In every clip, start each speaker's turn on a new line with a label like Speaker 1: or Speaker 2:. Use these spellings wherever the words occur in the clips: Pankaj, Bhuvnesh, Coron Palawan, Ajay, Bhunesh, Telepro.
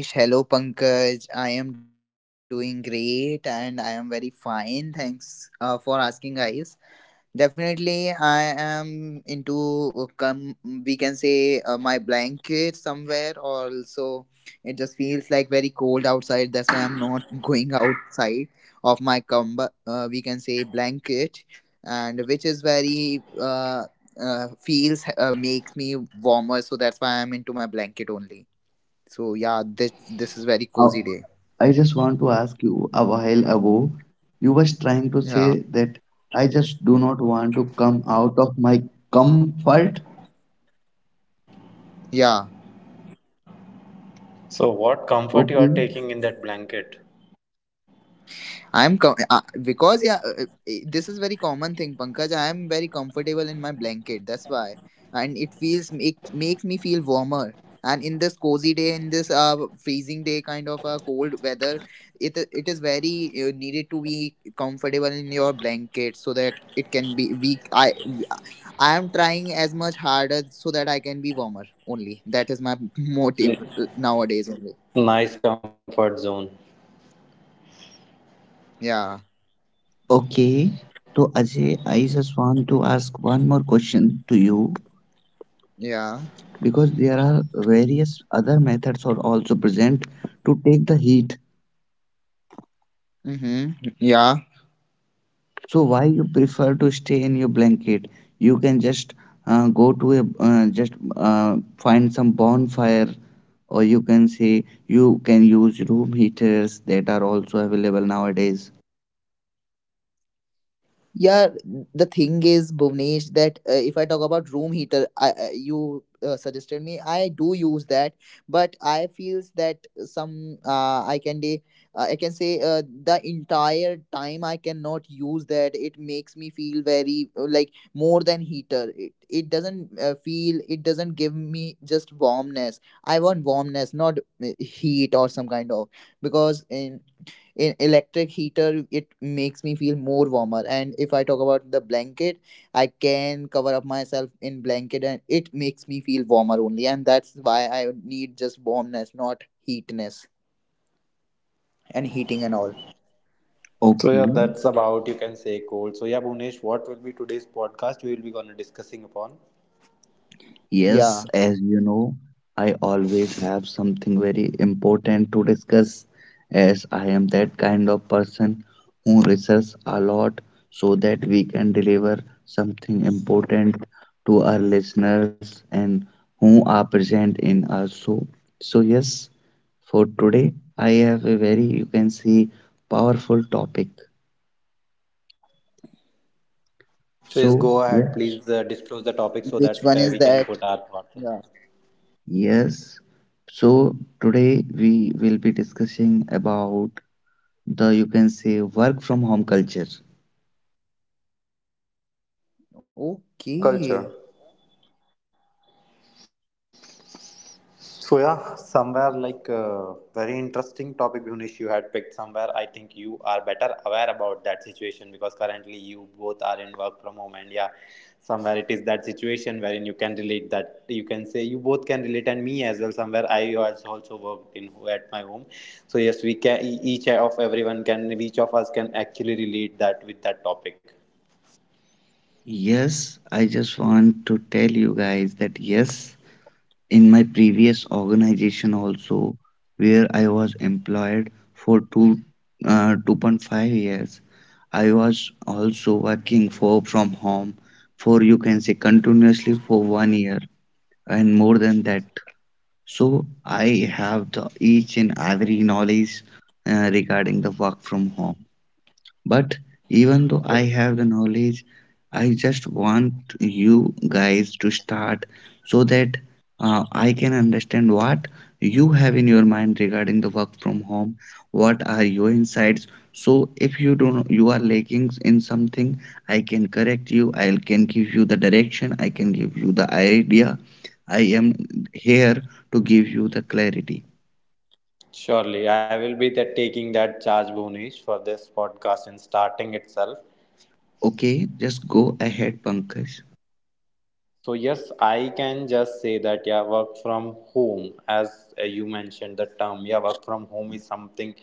Speaker 1: Hello Bhuvnesh, hello Pankaj. I am doing great and I am very fine. Thanks for asking, guys. Definitely, I am into come we can say my blanket somewhere. Also, it just feels like very cold outside. That's why I'm not going outside of we can say blanket, and which is very uh, feels makes me warmer. So that's why I'm into my blanket only. So yeah, this is very
Speaker 2: Uh,
Speaker 1: cozy day.
Speaker 2: I just want to ask you a while ago, you was trying to say
Speaker 1: Yeah,
Speaker 2: that I just do not want to come out of my comfort.
Speaker 1: yeah.
Speaker 3: So, what comfort you
Speaker 2: Okay.
Speaker 3: are taking in that blanket?
Speaker 1: Because yeah, this is very common thing, Pankaj. I am very comfortable in my blanket. That's why, and it feels makes me feel warmer. And in this cozy day, in this freezing day, kind of a cold weather, it is very needed to be comfortable in your blanket so that it can be weak. I am trying as much harder so that I can be warmer. Only that is my motive
Speaker 3: Mm.
Speaker 1: nowadays. Only.
Speaker 3: Nice comfort zone.
Speaker 1: Yeah,
Speaker 2: Okay. So Ajay, I just want to ask one more question to you
Speaker 1: yeah,
Speaker 2: because there are various other methods are also present to take the heat.
Speaker 1: mm-hmm. Yeah,
Speaker 2: So why you prefer to stay in your blanket? You can just go to a just find some bonfire, or you can say you can use room heaters that are also available nowadays.
Speaker 1: yeah. The thing is, Bhuvnesh, that if I talk about room heater, I you suggested me. I do use that, but I feels that some I can say the entire time I cannot use that. It makes me feel very like more than heater. It doesn't feel. It doesn't give me just warmness. I want warmness, not heat or some kind of, because in electric heater it makes me feel more warmer, and if I talk about the blanket, I can cover up myself in blanket and it makes me feel warmer only, and that's why I need just warmness, not heatness and heating and all.
Speaker 3: So yeah, that's
Speaker 2: Okay.
Speaker 3: about you can say cold. So yeah, Bhunesh, what will be today's podcast? We will be gonna discussing upon.
Speaker 2: Yes,
Speaker 1: Yeah.
Speaker 2: as you know, I always have something very important to discuss, as I am that kind of person who research a lot so that we can deliver something important to our listeners and who are present in our show. So yes, for today I have a very, you can see, powerful topic.
Speaker 3: So,
Speaker 2: So
Speaker 3: yes, go
Speaker 2: yes,
Speaker 3: ahead. Please disclose the
Speaker 1: Which
Speaker 3: topic
Speaker 1: one
Speaker 3: so
Speaker 1: is
Speaker 3: that
Speaker 1: that?
Speaker 3: we can put our
Speaker 1: Yeah.
Speaker 3: thoughts in it.
Speaker 2: yes. So today we will be discussing about the, you can say, work from home culture.
Speaker 3: Work from
Speaker 1: Okay.
Speaker 3: home culture. So yeah, somewhere like very interesting topic, Bhunesh, you had picked somewhere. I think you are better aware about that situation because currently you both are in work from home, and yeah, somewhere it is that situation wherein you can relate that you can say you both can relate, and me as well. Somewhere I was also worked in at my home, so yes, each of everyone can each of us can actually relate that with that topic.
Speaker 2: Yes, I just want to tell you guys that yes, in my previous organization also, where I was employed for two 2.5 years, I was also working for from home for, you can say, continuously for one year and more than that. So I have the each and every knowledge regarding the work from home. But even though I
Speaker 3: So,
Speaker 2: have the knowledge, I just want you guys to start so that I can understand what you have in your mind regarding the work from home. What are your insights? So if you don't, you are lacking in something, I can correct you. I can give you the direction. I can give you the idea. I am here to give you the clarity.
Speaker 3: surely, I will be the, taking that charge, Bhunesh, for this podcast in starting itself.
Speaker 2: Okay, just go ahead, Pankaj.
Speaker 3: So yes, I can just say that yeah, work from home, as you mentioned the term, yeah, work from home is something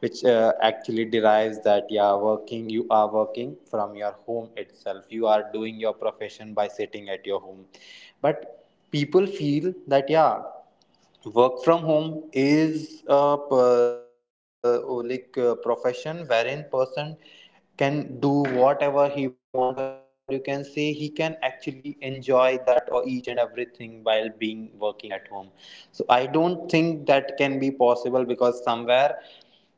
Speaker 3: which actually derives that yeah, working you are working from your home itself. You are doing your profession by sitting at your home, but people feel that yeah work from home is like a profession wherein person can do whatever he want or you can say he can actually enjoy that or each and everything while being working at home, so I don't think that can be possible because somewhere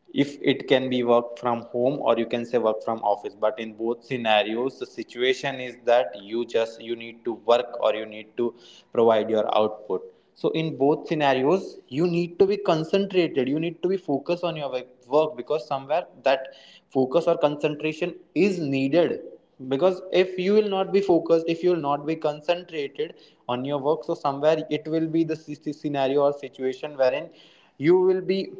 Speaker 3: if it can be work from home or you can say work from office, but in both scenarios the situation is that you just you need to work or you need to provide your output. So in both scenarios you need to be concentrated, you need to be focused on your work because somewhere that focus or concentration is needed. Because if you will not be focused, if you will not be concentrated on your work, so somewhere it will be the scenario or situation wherein you will be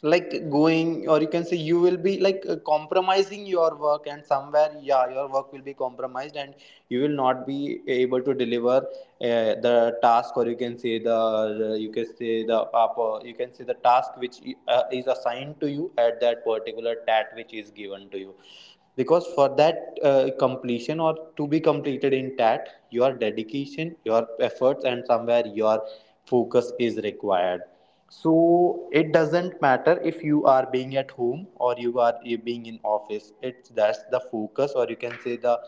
Speaker 3: like going or you can say you will be like compromising your work and somewhere yeah your work will be compromised and you will not be able to deliver the task or you can say the you can say the you can say the task which is assigned to you at that particular tat which is given to you because for that completion or to be completed in tat, your dedication, your efforts and somewhere your focus is required. So it doesn't matter if you are being at home or you are being in office, it's that's the focus or you can say the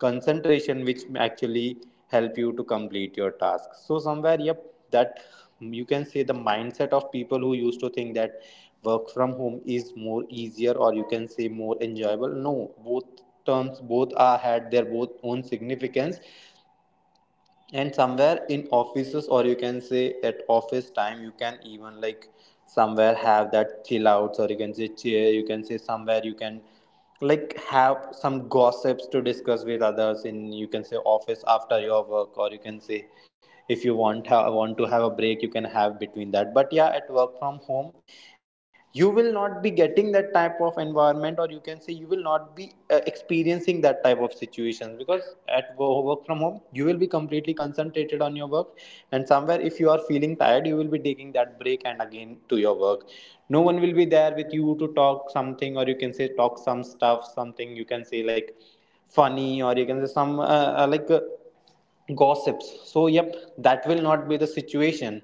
Speaker 3: concentration which actually help you to complete your task. So somewhere yep, that you can say the mindset of people who used to think that work from home is more easier or you can say more enjoyable. No, both terms, both are had their both own significance. And somewhere in offices or you can say at office time you can even like somewhere have that chill outs or you can say cheer, you can say somewhere you can like have some gossips to discuss with others in you can say office after your work, or you can say if you want to have a break you can have between that. But yeah, at work from home you will not be getting that type of environment or you can say you will not be experiencing that type of situations because at work from home you will be completely concentrated on your work. And somewhere if you are feeling tired, you will be taking that break and again to your work. No one will be there with you to talk something or you can say talk some stuff, something you can say like funny or you can say some uh, like uh, gossips. So yep, that will not be the situation.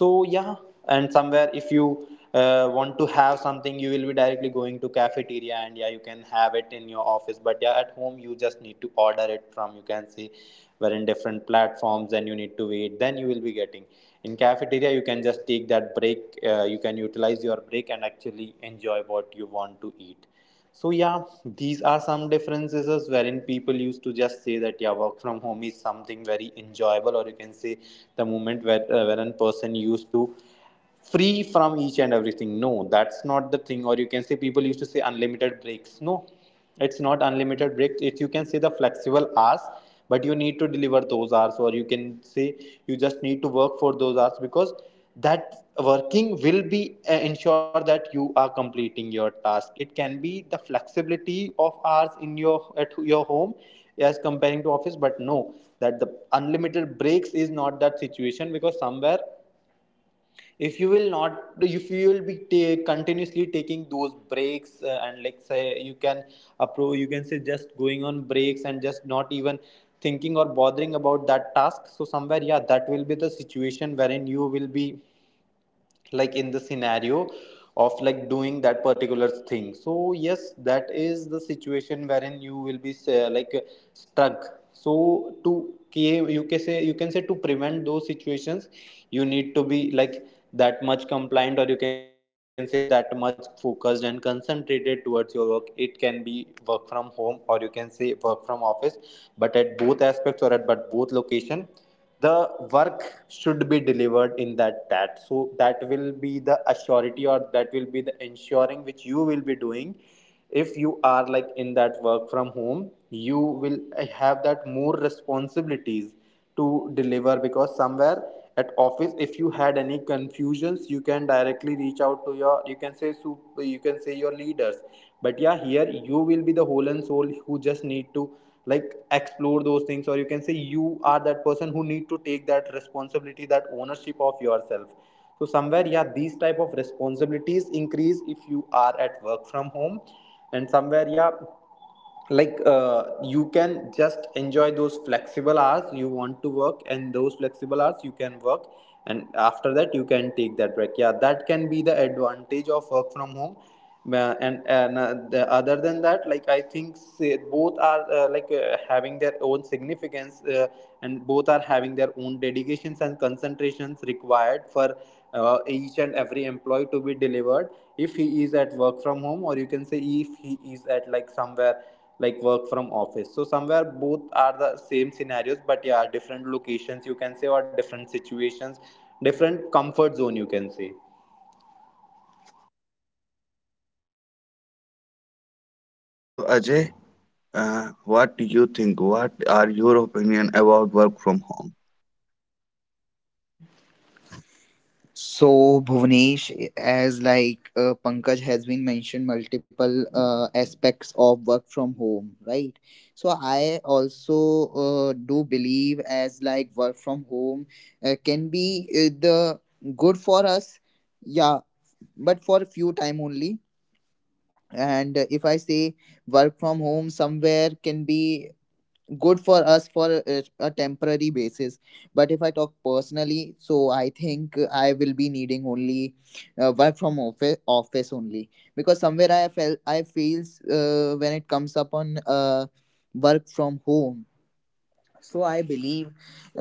Speaker 3: So yeah, and somewhere if you want to have something, you will be directly going to cafeteria and yeah you can have it in your office, but yeah at home you just need to order it from you can see where in different platforms and you need to wait, then you will be getting. In cafeteria you can just take that break, you can utilize your break and actually enjoy what you want to eat. So yeah, these are some differences as wherein people used to just say that yeah, work from home is something very enjoyable, or you can say the moment where wherein person used to free from each and everything. No, that's not the thing. Or you can say people used to say unlimited breaks. No, it's not unlimited breaks, it you can say the flexible hours, but you need to deliver those hours or you can say you just need to work for those hours because that working will be ensure that you are completing your task. It can be the flexibility of hours in your at your home as comparing to office, but no, that the unlimited breaks is not that situation because somewhere if you will not, if you will be continuously taking those breaks and like say you can approve you can say just going on breaks and just not even thinking or bothering about that task. So somewhere yeah, that will be the situation wherein you will be like in the scenario of like doing that particular thing. So yes, that is the situation wherein you will be stuck. So you can say to prevent those situations, you need to be like that much compliant or you can say that much focused and concentrated towards your work. It can be work from home or you can say work from office, but at both aspects or at but both location, the work should be delivered in that so that will be the assurity or that will be the ensuring which you will be doing. If you are like in that work from home you will have that more responsibilities to deliver because somewhere at office if you had any confusions you can directly reach out to your you can say super. You can say your leaders, but yeah here you will be the whole and soul who just need to like explore those things or you can say you are that person who need to take that responsibility, that ownership of yourself. So somewhere yeah, these type of responsibilities increase if you are at work from home. And somewhere yeah, like you can just enjoy those flexible hours, you want to work and those flexible hours you can work and after that you can take that break. Yeah, that can be the advantage of work from home. And The, other than that like I think say, both are having their own significance, and both are having their own dedications and concentrations required for each and every employee to be delivered if he is at work from home or you can say if he is at like somewhere like work from office. So somewhere both are the same scenarios, but yeah different locations you can say, or different situations, different comfort zone you can say.
Speaker 2: So, Ajay, what do you think? What are your opinion about work from home?
Speaker 1: So, Bhuvnesh, as like Pankaj has been mentioned, multiple aspects of work from home, right? So, I also do believe as like work from home can be the good for us, yeah, but for a few time only. And if I say work from home somewhere can be good for us for a temporary basis. But if I talk personally, so I think I will be needing only work from office only, because somewhere I feels when it comes upon work from home. So I believe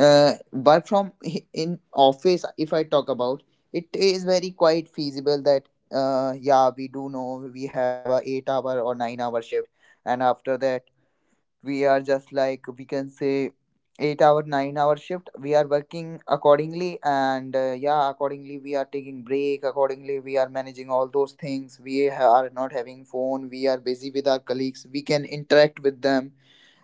Speaker 1: in office, if I talk about, it is very quite feasible that yeah, we do know we have a 8 hour or 9-hour shift. And after that, we are just like, we can say, 8 hour 9 hour shift, we are working accordingly. And yeah, accordingly we are taking break, accordingly we are managing all those things. We are not having phone, we are busy with our colleagues, we can interact with them,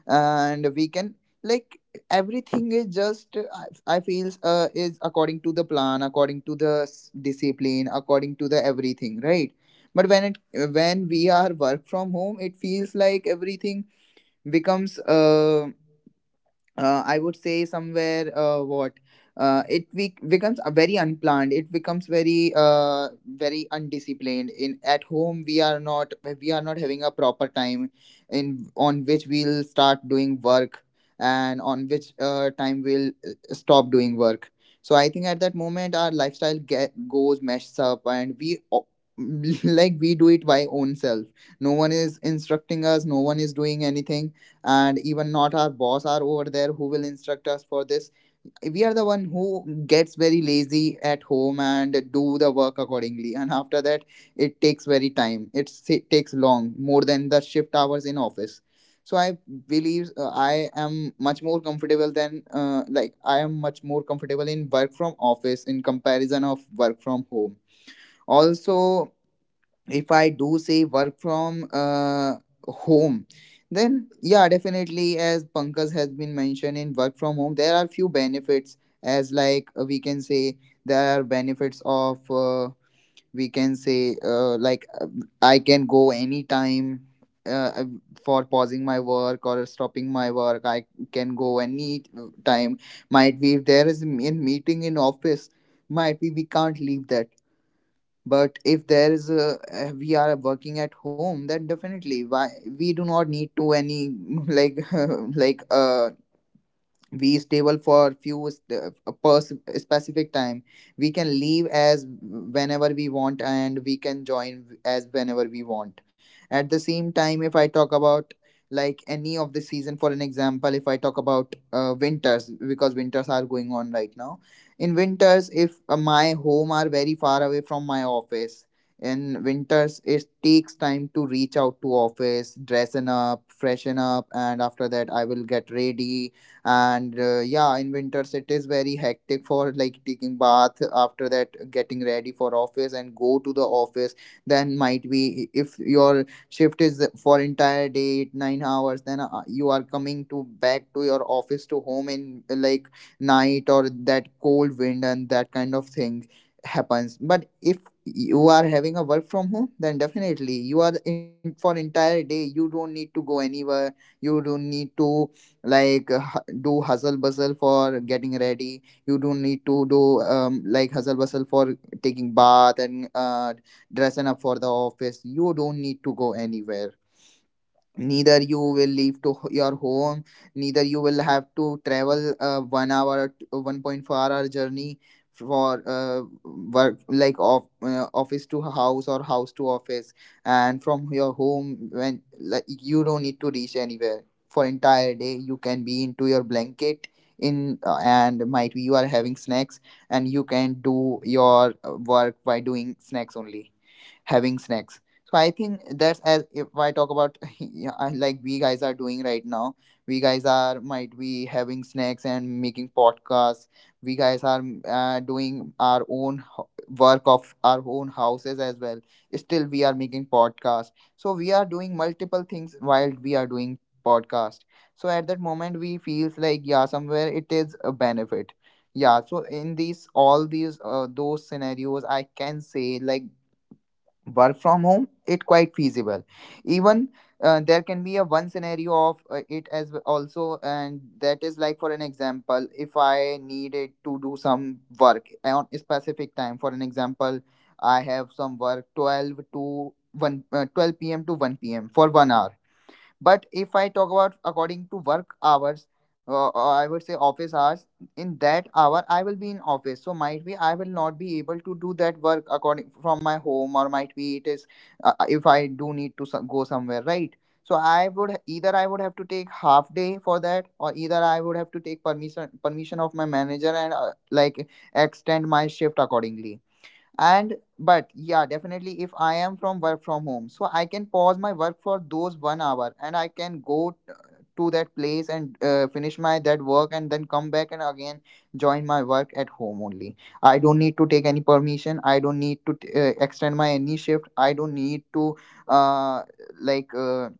Speaker 1: and we can like, everything is just I feel is according to the plan, according to the discipline, according to the everything, right? But when it when we are work from home, it feels like everything becomes I would say somewhere what it becomes a very unplanned, it becomes very very undisciplined. In at home, we are not having a proper time in on which we'll start doing work, and on which time we'll stop doing work. So I think at that moment our lifestyle goes messed up, and we like we do it by own self. No one is instructing us, no one is doing anything, and even not our boss are over there who will instruct us for this. We are the one who gets very lazy at home and do the work accordingly, and after that it takes very time. It takes long more than the shift hours in office. So I believe I am much more comfortable than I am much more comfortable in work from office in comparison of work from home. Also, if I do say work from home, then yeah, definitely as Pankaj has been mentioned, in work from home there are few benefits, as like we can say there are benefits of we can say I can go anytime uh, uh, for pausing my work or stopping my work. I can go any time. Might be if there is a meeting in office, might be we can't leave that, but if there is a we are working at home, then definitely why we do not need to any like like we stable for few st- a pers- specific time. We can leave as whenever we want, and we can join as whenever we want. At the same time, if I talk about like any of the season, for an example, if I talk about winters, because winters are going on right now. In winters, if my home are very far away from my office, in winters it takes time to reach out to office, dressing up, freshen up, and after that I will get ready. And yeah, in winters it is very hectic for like taking bath, after that getting ready for office and go to the office. Then might be if your shift is for entire day 8 9 hours, then you are coming to back to your office to home in like night or that cold wind and that kind of thing happens. But if you are having a work from home, then definitely you are in for entire day, you don't need to go anywhere, you don't need to do hustle bustle for getting ready. You don't need to do like hustle bustle for taking bath and dressing up for the office, you don't need to go anywhere. Neither you will leave to your home, neither you will have to travel 1 hour 1.4-hour journey for work like office to house or house to office. And from your home, when like you don't need to reach anywhere for entire day, you can be into your blanket in and might be you are having snacks, and you can do your work by doing snacks only, having snacks. So I think that's as if I talk about, yeah, like we guys are doing right now, we guys are might be having snacks and making podcasts, we guys are doing our own work of our own houses as well, still we are making podcast, so we are doing multiple things while we are doing podcast. So at that moment we feels like yeah, somewhere it is a benefit. Yeah, so in these all these those scenarios I can say like work from home it quite feasible. Even there can be a one scenario of it as w- also, and that is like for an example, if I needed to do some work on a specific time, for an example, I have some work 12 to 1, 12 p.m. to 1 p.m. for 1 hour. But if I talk about according to work hours, or I would say office hours, in that hour I will be in office. So might be I will not be able to do that work according from my home, or might be it is if I do need to go somewhere, right? So I would either I would have to take half day for that, or either I would have to take permission of my manager, and like extend my shift accordingly. And but yeah, definitely if I am from work from home, so I can pause my work for those 1 hour, and I can go to that place, and finish my that work, and then come back, and again join my work at home only. I don't need to take any permission, I don't need to extend my any shift, I don't need to uh, like uh,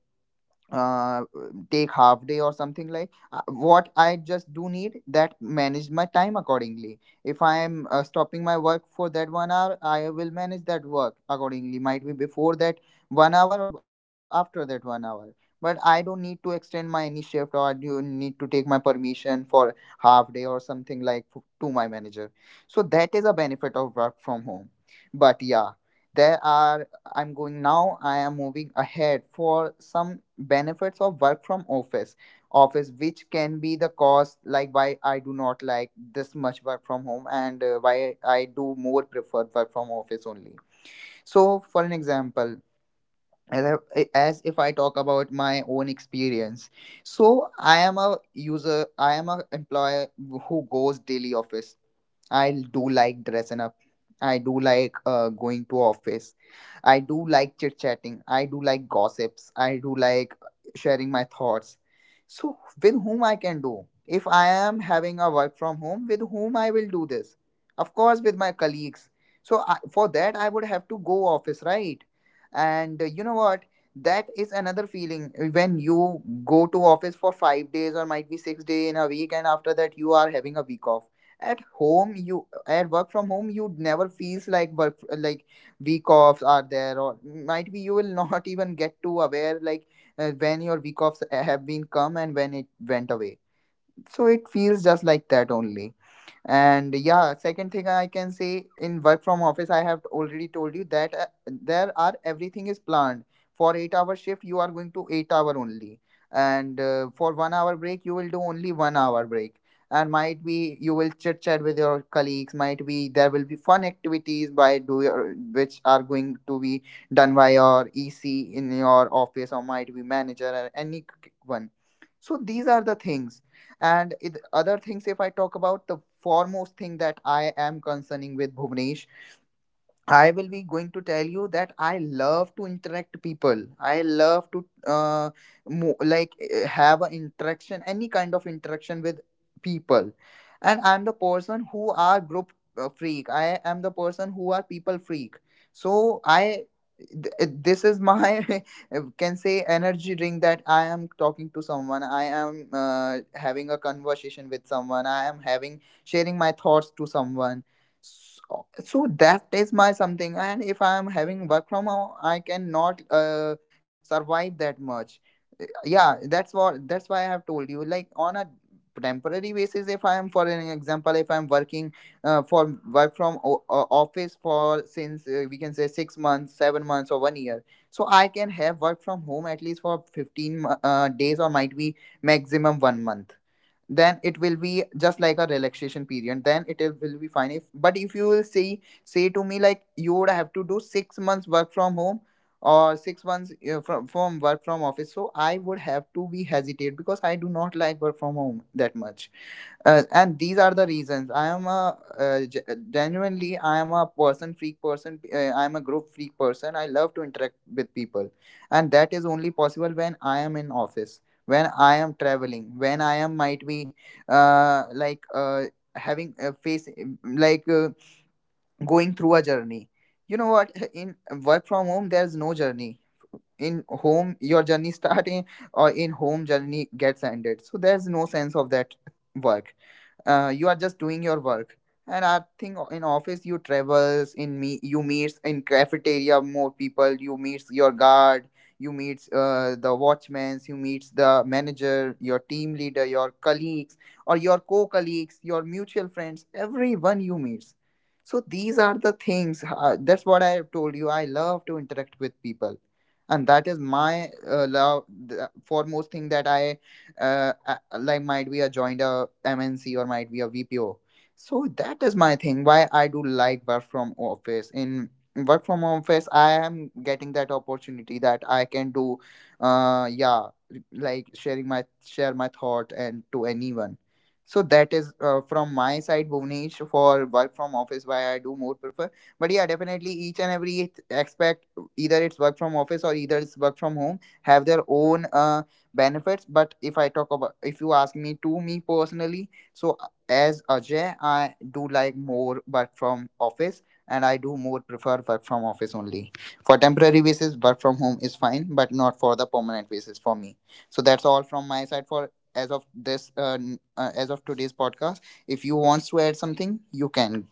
Speaker 1: uh, take half day or something like what I just do need that manage my time accordingly. If I am stopping my work for that 1 hour, I will manage that work accordingly, might be before that 1 hour or after that 1 hour. But I don't need to extend my any shift, or you need to take my permission for half day or something like to my manager. So that is a benefit of work from home. But yeah, there are, I'm going now. I am moving ahead for some benefits of work from office. Office, which can be the cause, like why I do not like this much work from home, and why I do more preferred work from office only. So, for an example, as if I talk about my own experience, so I am a employer who goes daily office. I do like dressing up. I do like going to office. I do like chit chatting. I do like gossips. I do like sharing my thoughts. So with whom I can do? If I am having a work from home, with whom I will do this? Of course, with my colleagues. So for that, I would have to go office, right? And you know what? That is another feeling when you go to office for 5 days or might be 6 day in a week, and after that you are having a week off. At home, you, at work from home, you never feels like work, like week offs are there, or might be you will not even get to aware like when your week offs have been come and when it went away. So it feels just like that only. And yeah, second thing I can say, in work from office, I have already told you that there are, everything is planned. For 8-hour shift you are going to 8 hour only, and for 1 hour break you will do only 1 hour break. And might be you will chit chat with your colleagues, might be there will be fun activities by do your, which are going to be done by your ec in your office or might be manager or one so these are the things. And it, other things, if I talk about the foremost thing that I am concerning with Bhuvnesh, I will be going to tell you that I love to interact people. I love to like have an interaction, any kind of interaction with people. And I'm the person who are group freak. I am the person who are people freak. So this is my can say energy drink that I am talking to someone. I am having a conversation with someone. I am having sharing my thoughts to someone. So, so that is my something. And if I am having work from home, I cannot survive that much. Yeah, that's why I have told you. Like on a temporary basis, if I am, for an example, if I'm working for work from office for since we can say 6 months, 7 months, or one year, so I can have work from home at least for fifteen days or might be maximum one month. Then it will be just like a relaxation period, then will be fine if. But if you will say to me like you would have to do 6 months work from home or 6 months from work from office, so I would have to be hesitate because I do not like work from home that much. And these are the reasons. I am a genuinely, I am a person freak person, I am a group freak person, I love to interact with people, and that is only possible when I am in office, when I am traveling, when I am might be uh, like uh, having a face like uh, going through a journey. You know what, in work from home there's no journey. In home your journey starting, or in home journey gets ended, so there's no sense of that work. You are just doing your work. And I think, in office, you travels in me, you meets in cafeteria more people, you meets your guard, you meets the watchmans, you meets the manager, your team leader, your colleagues, or your co-colleagues, your mutual friends, everyone you meets. So these are the things. That's what I have told you, I love to interact with people, and that is my love, the foremost thing that I like might be a joined a MNC or might be a VPO. So that is my thing. Why I do like work from office. In work from office, I am getting that opportunity that I can do, yeah, like sharing my share my thought and to anyone. So that is from my side, Bhuvnesh, for work from office. Why I do more prefer. But yeah, definitely each and every aspect, either it's work from office or either it's work from home, have their own benefits. But if I talk about, if you ask me to me personally, so as Ajay, I do like more work from office, and I do more prefer work from office only. For temporary basis, work from home is fine, but not for the permanent basis for me. So that's all from my side for, as of this as of today's podcast. If you wants to add something, you can.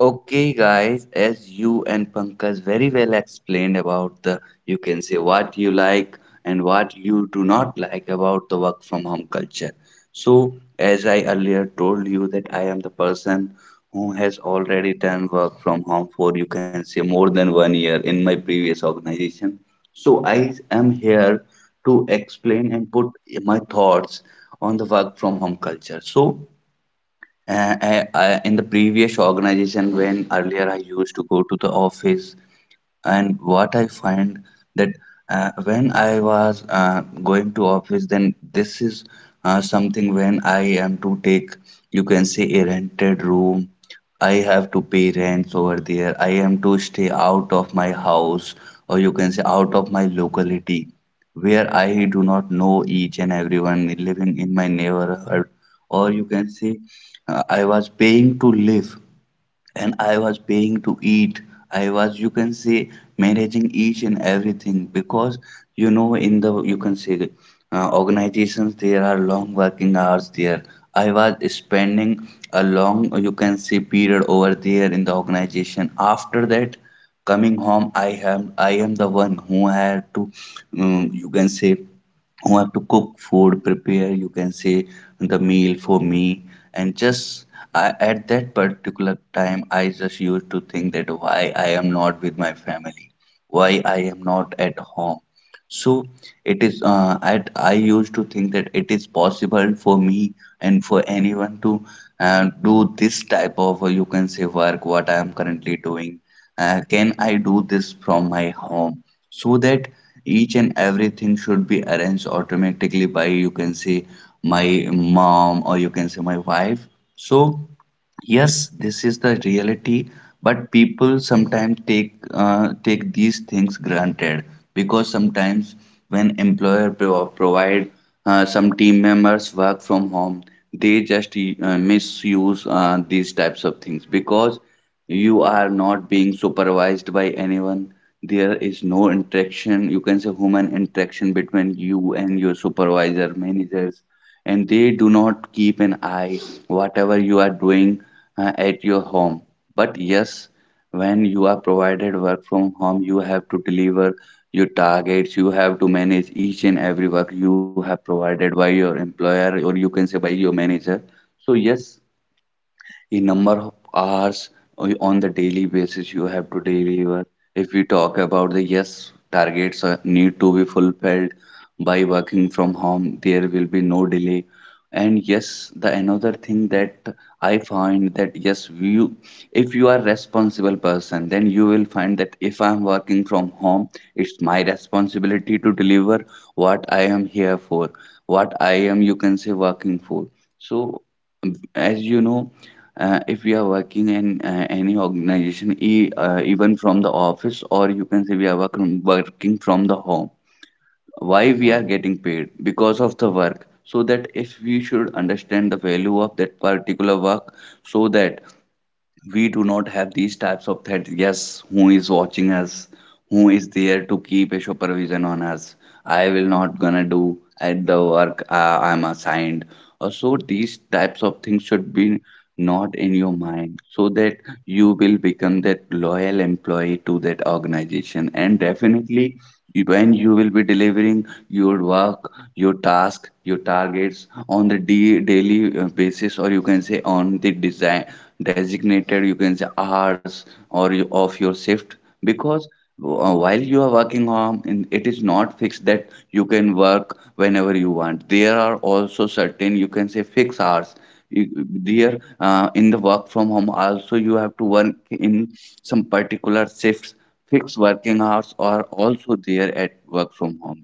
Speaker 2: Okay, guys, as you and Pankaj very well explained about the, you can say, what you like and what you do not like about the work from home culture. So, as I earlier told you, that I am the person who has already done work from home for, you can say, more than one year in my previous organization. So, I am here to explain and put my thoughts on the work from home culture. So, in the previous organization, when earlier I used to go to the office, and what I find that when I was going to office, then this is something. When I am to take, you can say, a rented room, I have to pay rents over there. I am to stay out of my house, or you can say out of my locality, where I do not know each and everyone living in my neighborhood. Or you can say I was paying to live and I was paying to eat. I was, you can say, managing each and everything because, you know, in the, you can say, organizations, there are long working hours there. I was spending a long, you can say, period over there in the organization. After that, coming home, I am the one who had to, you can say, who have to cook food, prepare, you can say, the meal for me. And just I, at that particular time, I just used to think that why I am not with my family, why I am not at home. So it is, at I used to think that, it is possible for me and for anyone to do this type of, you can say, work what I am currently doing. Uh, can I do this from my home, so that each and everything should be arranged automatically by, you can say, my mom, or you can say, my wife. So yes, this is the reality, but people sometimes take, these things granted, because sometimes when employer provide some team members work from home, they just misuse these types of things, because you are not being supervised by anyone. There is no interaction, you can say, human interaction, between you and your supervisor managers, and they do not keep an eye whatever you are doing at your home. But yes, when you are provided work from home, you have to deliver your targets, you have to manage each and every work you have provided by your employer, or you can say by your manager. So, yes, the number of hours on the daily basis you have to deliver. If we talk about the, yes, targets need to be fulfilled. By working from home, there will be no delay. And yes, the another thing that I find that yes, you, if you are responsible person, then you will find that if I'm working from home, it's my responsibility to deliver what I am here for, what I am, you can say, working for. So as you know, if we are working in any organization, e even from the office, or you can say we are working from the home. Why we are getting paid? Because of the work. So that if we should understand the value of that particular work, so that we do not have these types of threats. Yes, who is watching us? Who is there to keep a supervision on us? I will not gonna do at the work I'm assigned. So these types of things should be not in your mind, so that you will become that loyal employee to that organization. And definitely, when you will be delivering your work, your task, your targets on the daily basis, or you can say on the designated, you can say, hours or you, of your shift, because while you are working home in, it is not fixed that you can work whenever you want. There are also certain, you can say, fixed hours. There, in the work from home also, you have to work in some particular shifts. Fixed working hours are also there at work from home,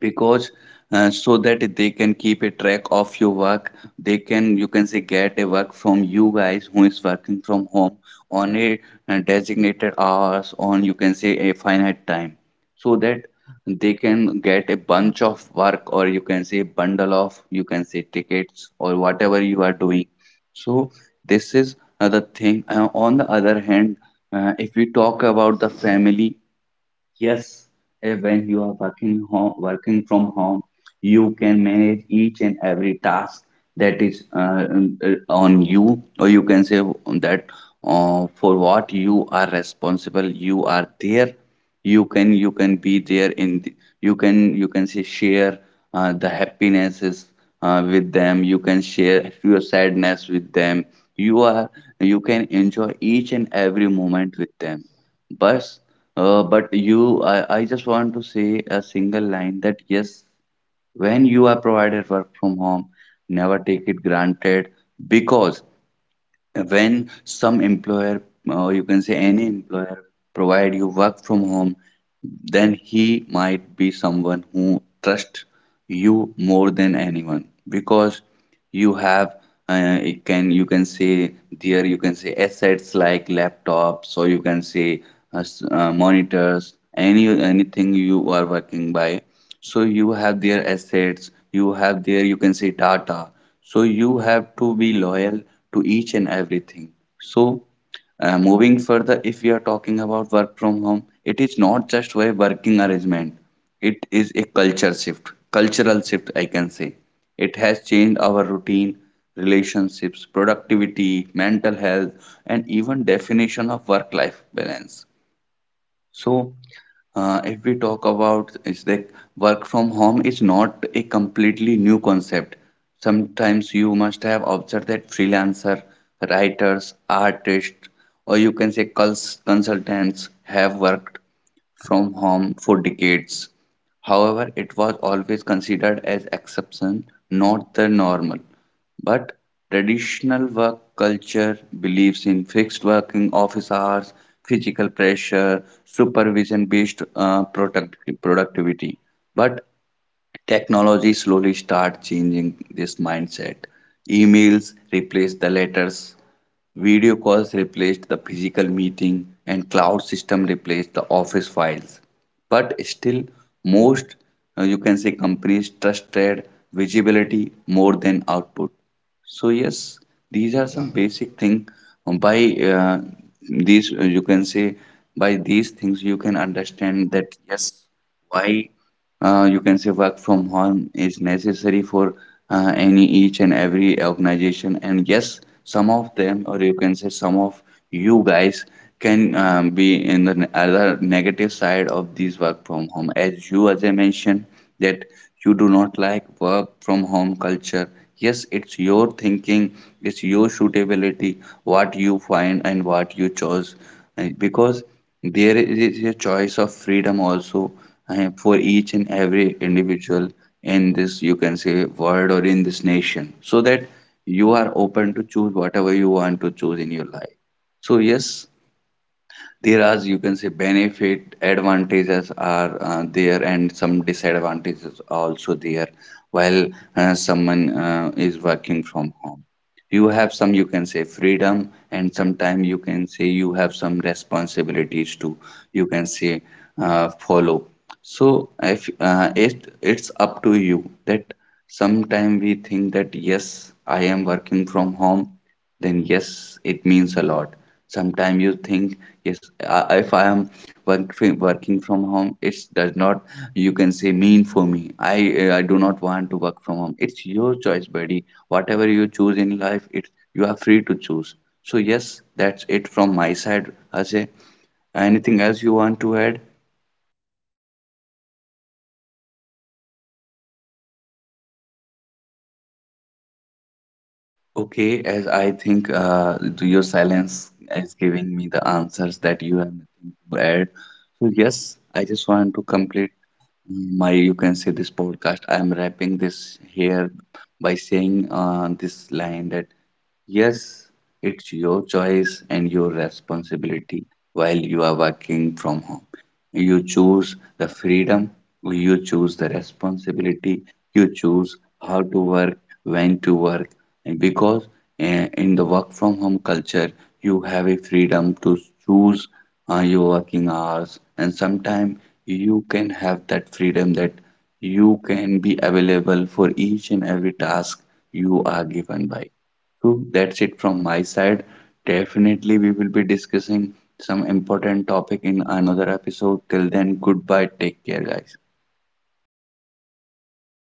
Speaker 2: because so that they can keep a track of your work. They can, you can say, get a work from you guys who is working from home on a designated hours, on, you can say, a finite time, so that they can get a bunch of work, or you can say bundle of, you can say, tickets, or whatever you are doing. So this is another thing. On the other hand, if we talk about the family. Yes, and when you are working home, working from home, you can manage each and every task that is, on you, or you can say that, for what you are responsible, you are there. You can be there in the, you can say, share the happinesses with them. You can share your sadness with them. You are you can enjoy each and every moment with them. But, but I just want to say a single line, that yes, when you are provided work from home, never take it granted. Because when some employer, or you can say any employer, provide you work from home, then he might be someone who trusts you more than anyone, because you have, it can, you can say, there, you can say, assets like laptops, or you can say monitors, anything you are working by. So you have their assets, you have their, you can say, data. So you have to be loyal to each and everything. So moving further, if we are talking about work from home, it is not just a working arrangement, it is a culture shift, cultural shift, I can say. It has changed our routine, relationships, productivity, mental health, and even definition of work life balance. So, if we talk about, is that work from home is not a completely new concept. Sometimes you must have observed that freelancer, writers, artists, or you can say consultants have worked from home for decades. However, it was always considered as exception, not the normal. But traditional work culture believes in fixed working office hours, physical pressure, supervision based productivity. But technology slowly start changing this mindset. Emails replaced the letters, video calls replaced the physical meeting, and cloud system replaced the office files. But still, most you can say companies trusted visibility more than output. So yes, these are some basic thing. By these, you can say, by these things you can understand that yes, why you can say work from home is necessary for any, each and every organization. And yes, some of them, or you can say some of you guys, can be in the other negative side of these work from home. As you, as I mentioned, that you do not like work from home culture. Yes, it's your thinking, it's your suitability, what you find and what you chose. And because there is a choice of freedom also for each and every individual in this, you can say, world, or in this nation, so that you are open to choose whatever you want to choose in your life. So yes, there are, you can say, benefit, advantages are there, and some disadvantages are also there, while someone is working from home. You have some, you can say, freedom, and sometimes, you can say, you have some responsibilities to, you can say, follow. So if it, it's up to you, that sometime we think that yes, I am working from home, then yes, it means a lot. Sometimes you think, yes, if I am working from home, it does not, you can say, mean for me. I do not want to work from home. It's your choice, buddy. Whatever you choose in life, it you are free to choose. So yes, that's it from my side, Ajay. Anything else you want to add?
Speaker 1: So yeah, Bhuvnesh, I think you have already covered multiple things or
Speaker 2: Okay,
Speaker 1: multiple
Speaker 2: as I
Speaker 1: aspect of
Speaker 2: think
Speaker 1: this.
Speaker 2: your silence is giving me the answers that you have nothing to add. So yes,
Speaker 1: Yeah.
Speaker 2: I just want to complete my, you can say, this podcast. I am wrapping this here by saying this line, that yes, it's your choice and your responsibility. While you are working from home, you choose the freedom, you choose the responsibility, you choose how to work, when to work, and because, in the work from home culture, you have a freedom to choose your working hours, and sometimes you can have that freedom that you can be available for each and every task you are given by. So that's it from my side. Definitely, we will be discussing some important topic in another episode. Till then, goodbye. Take care, guys.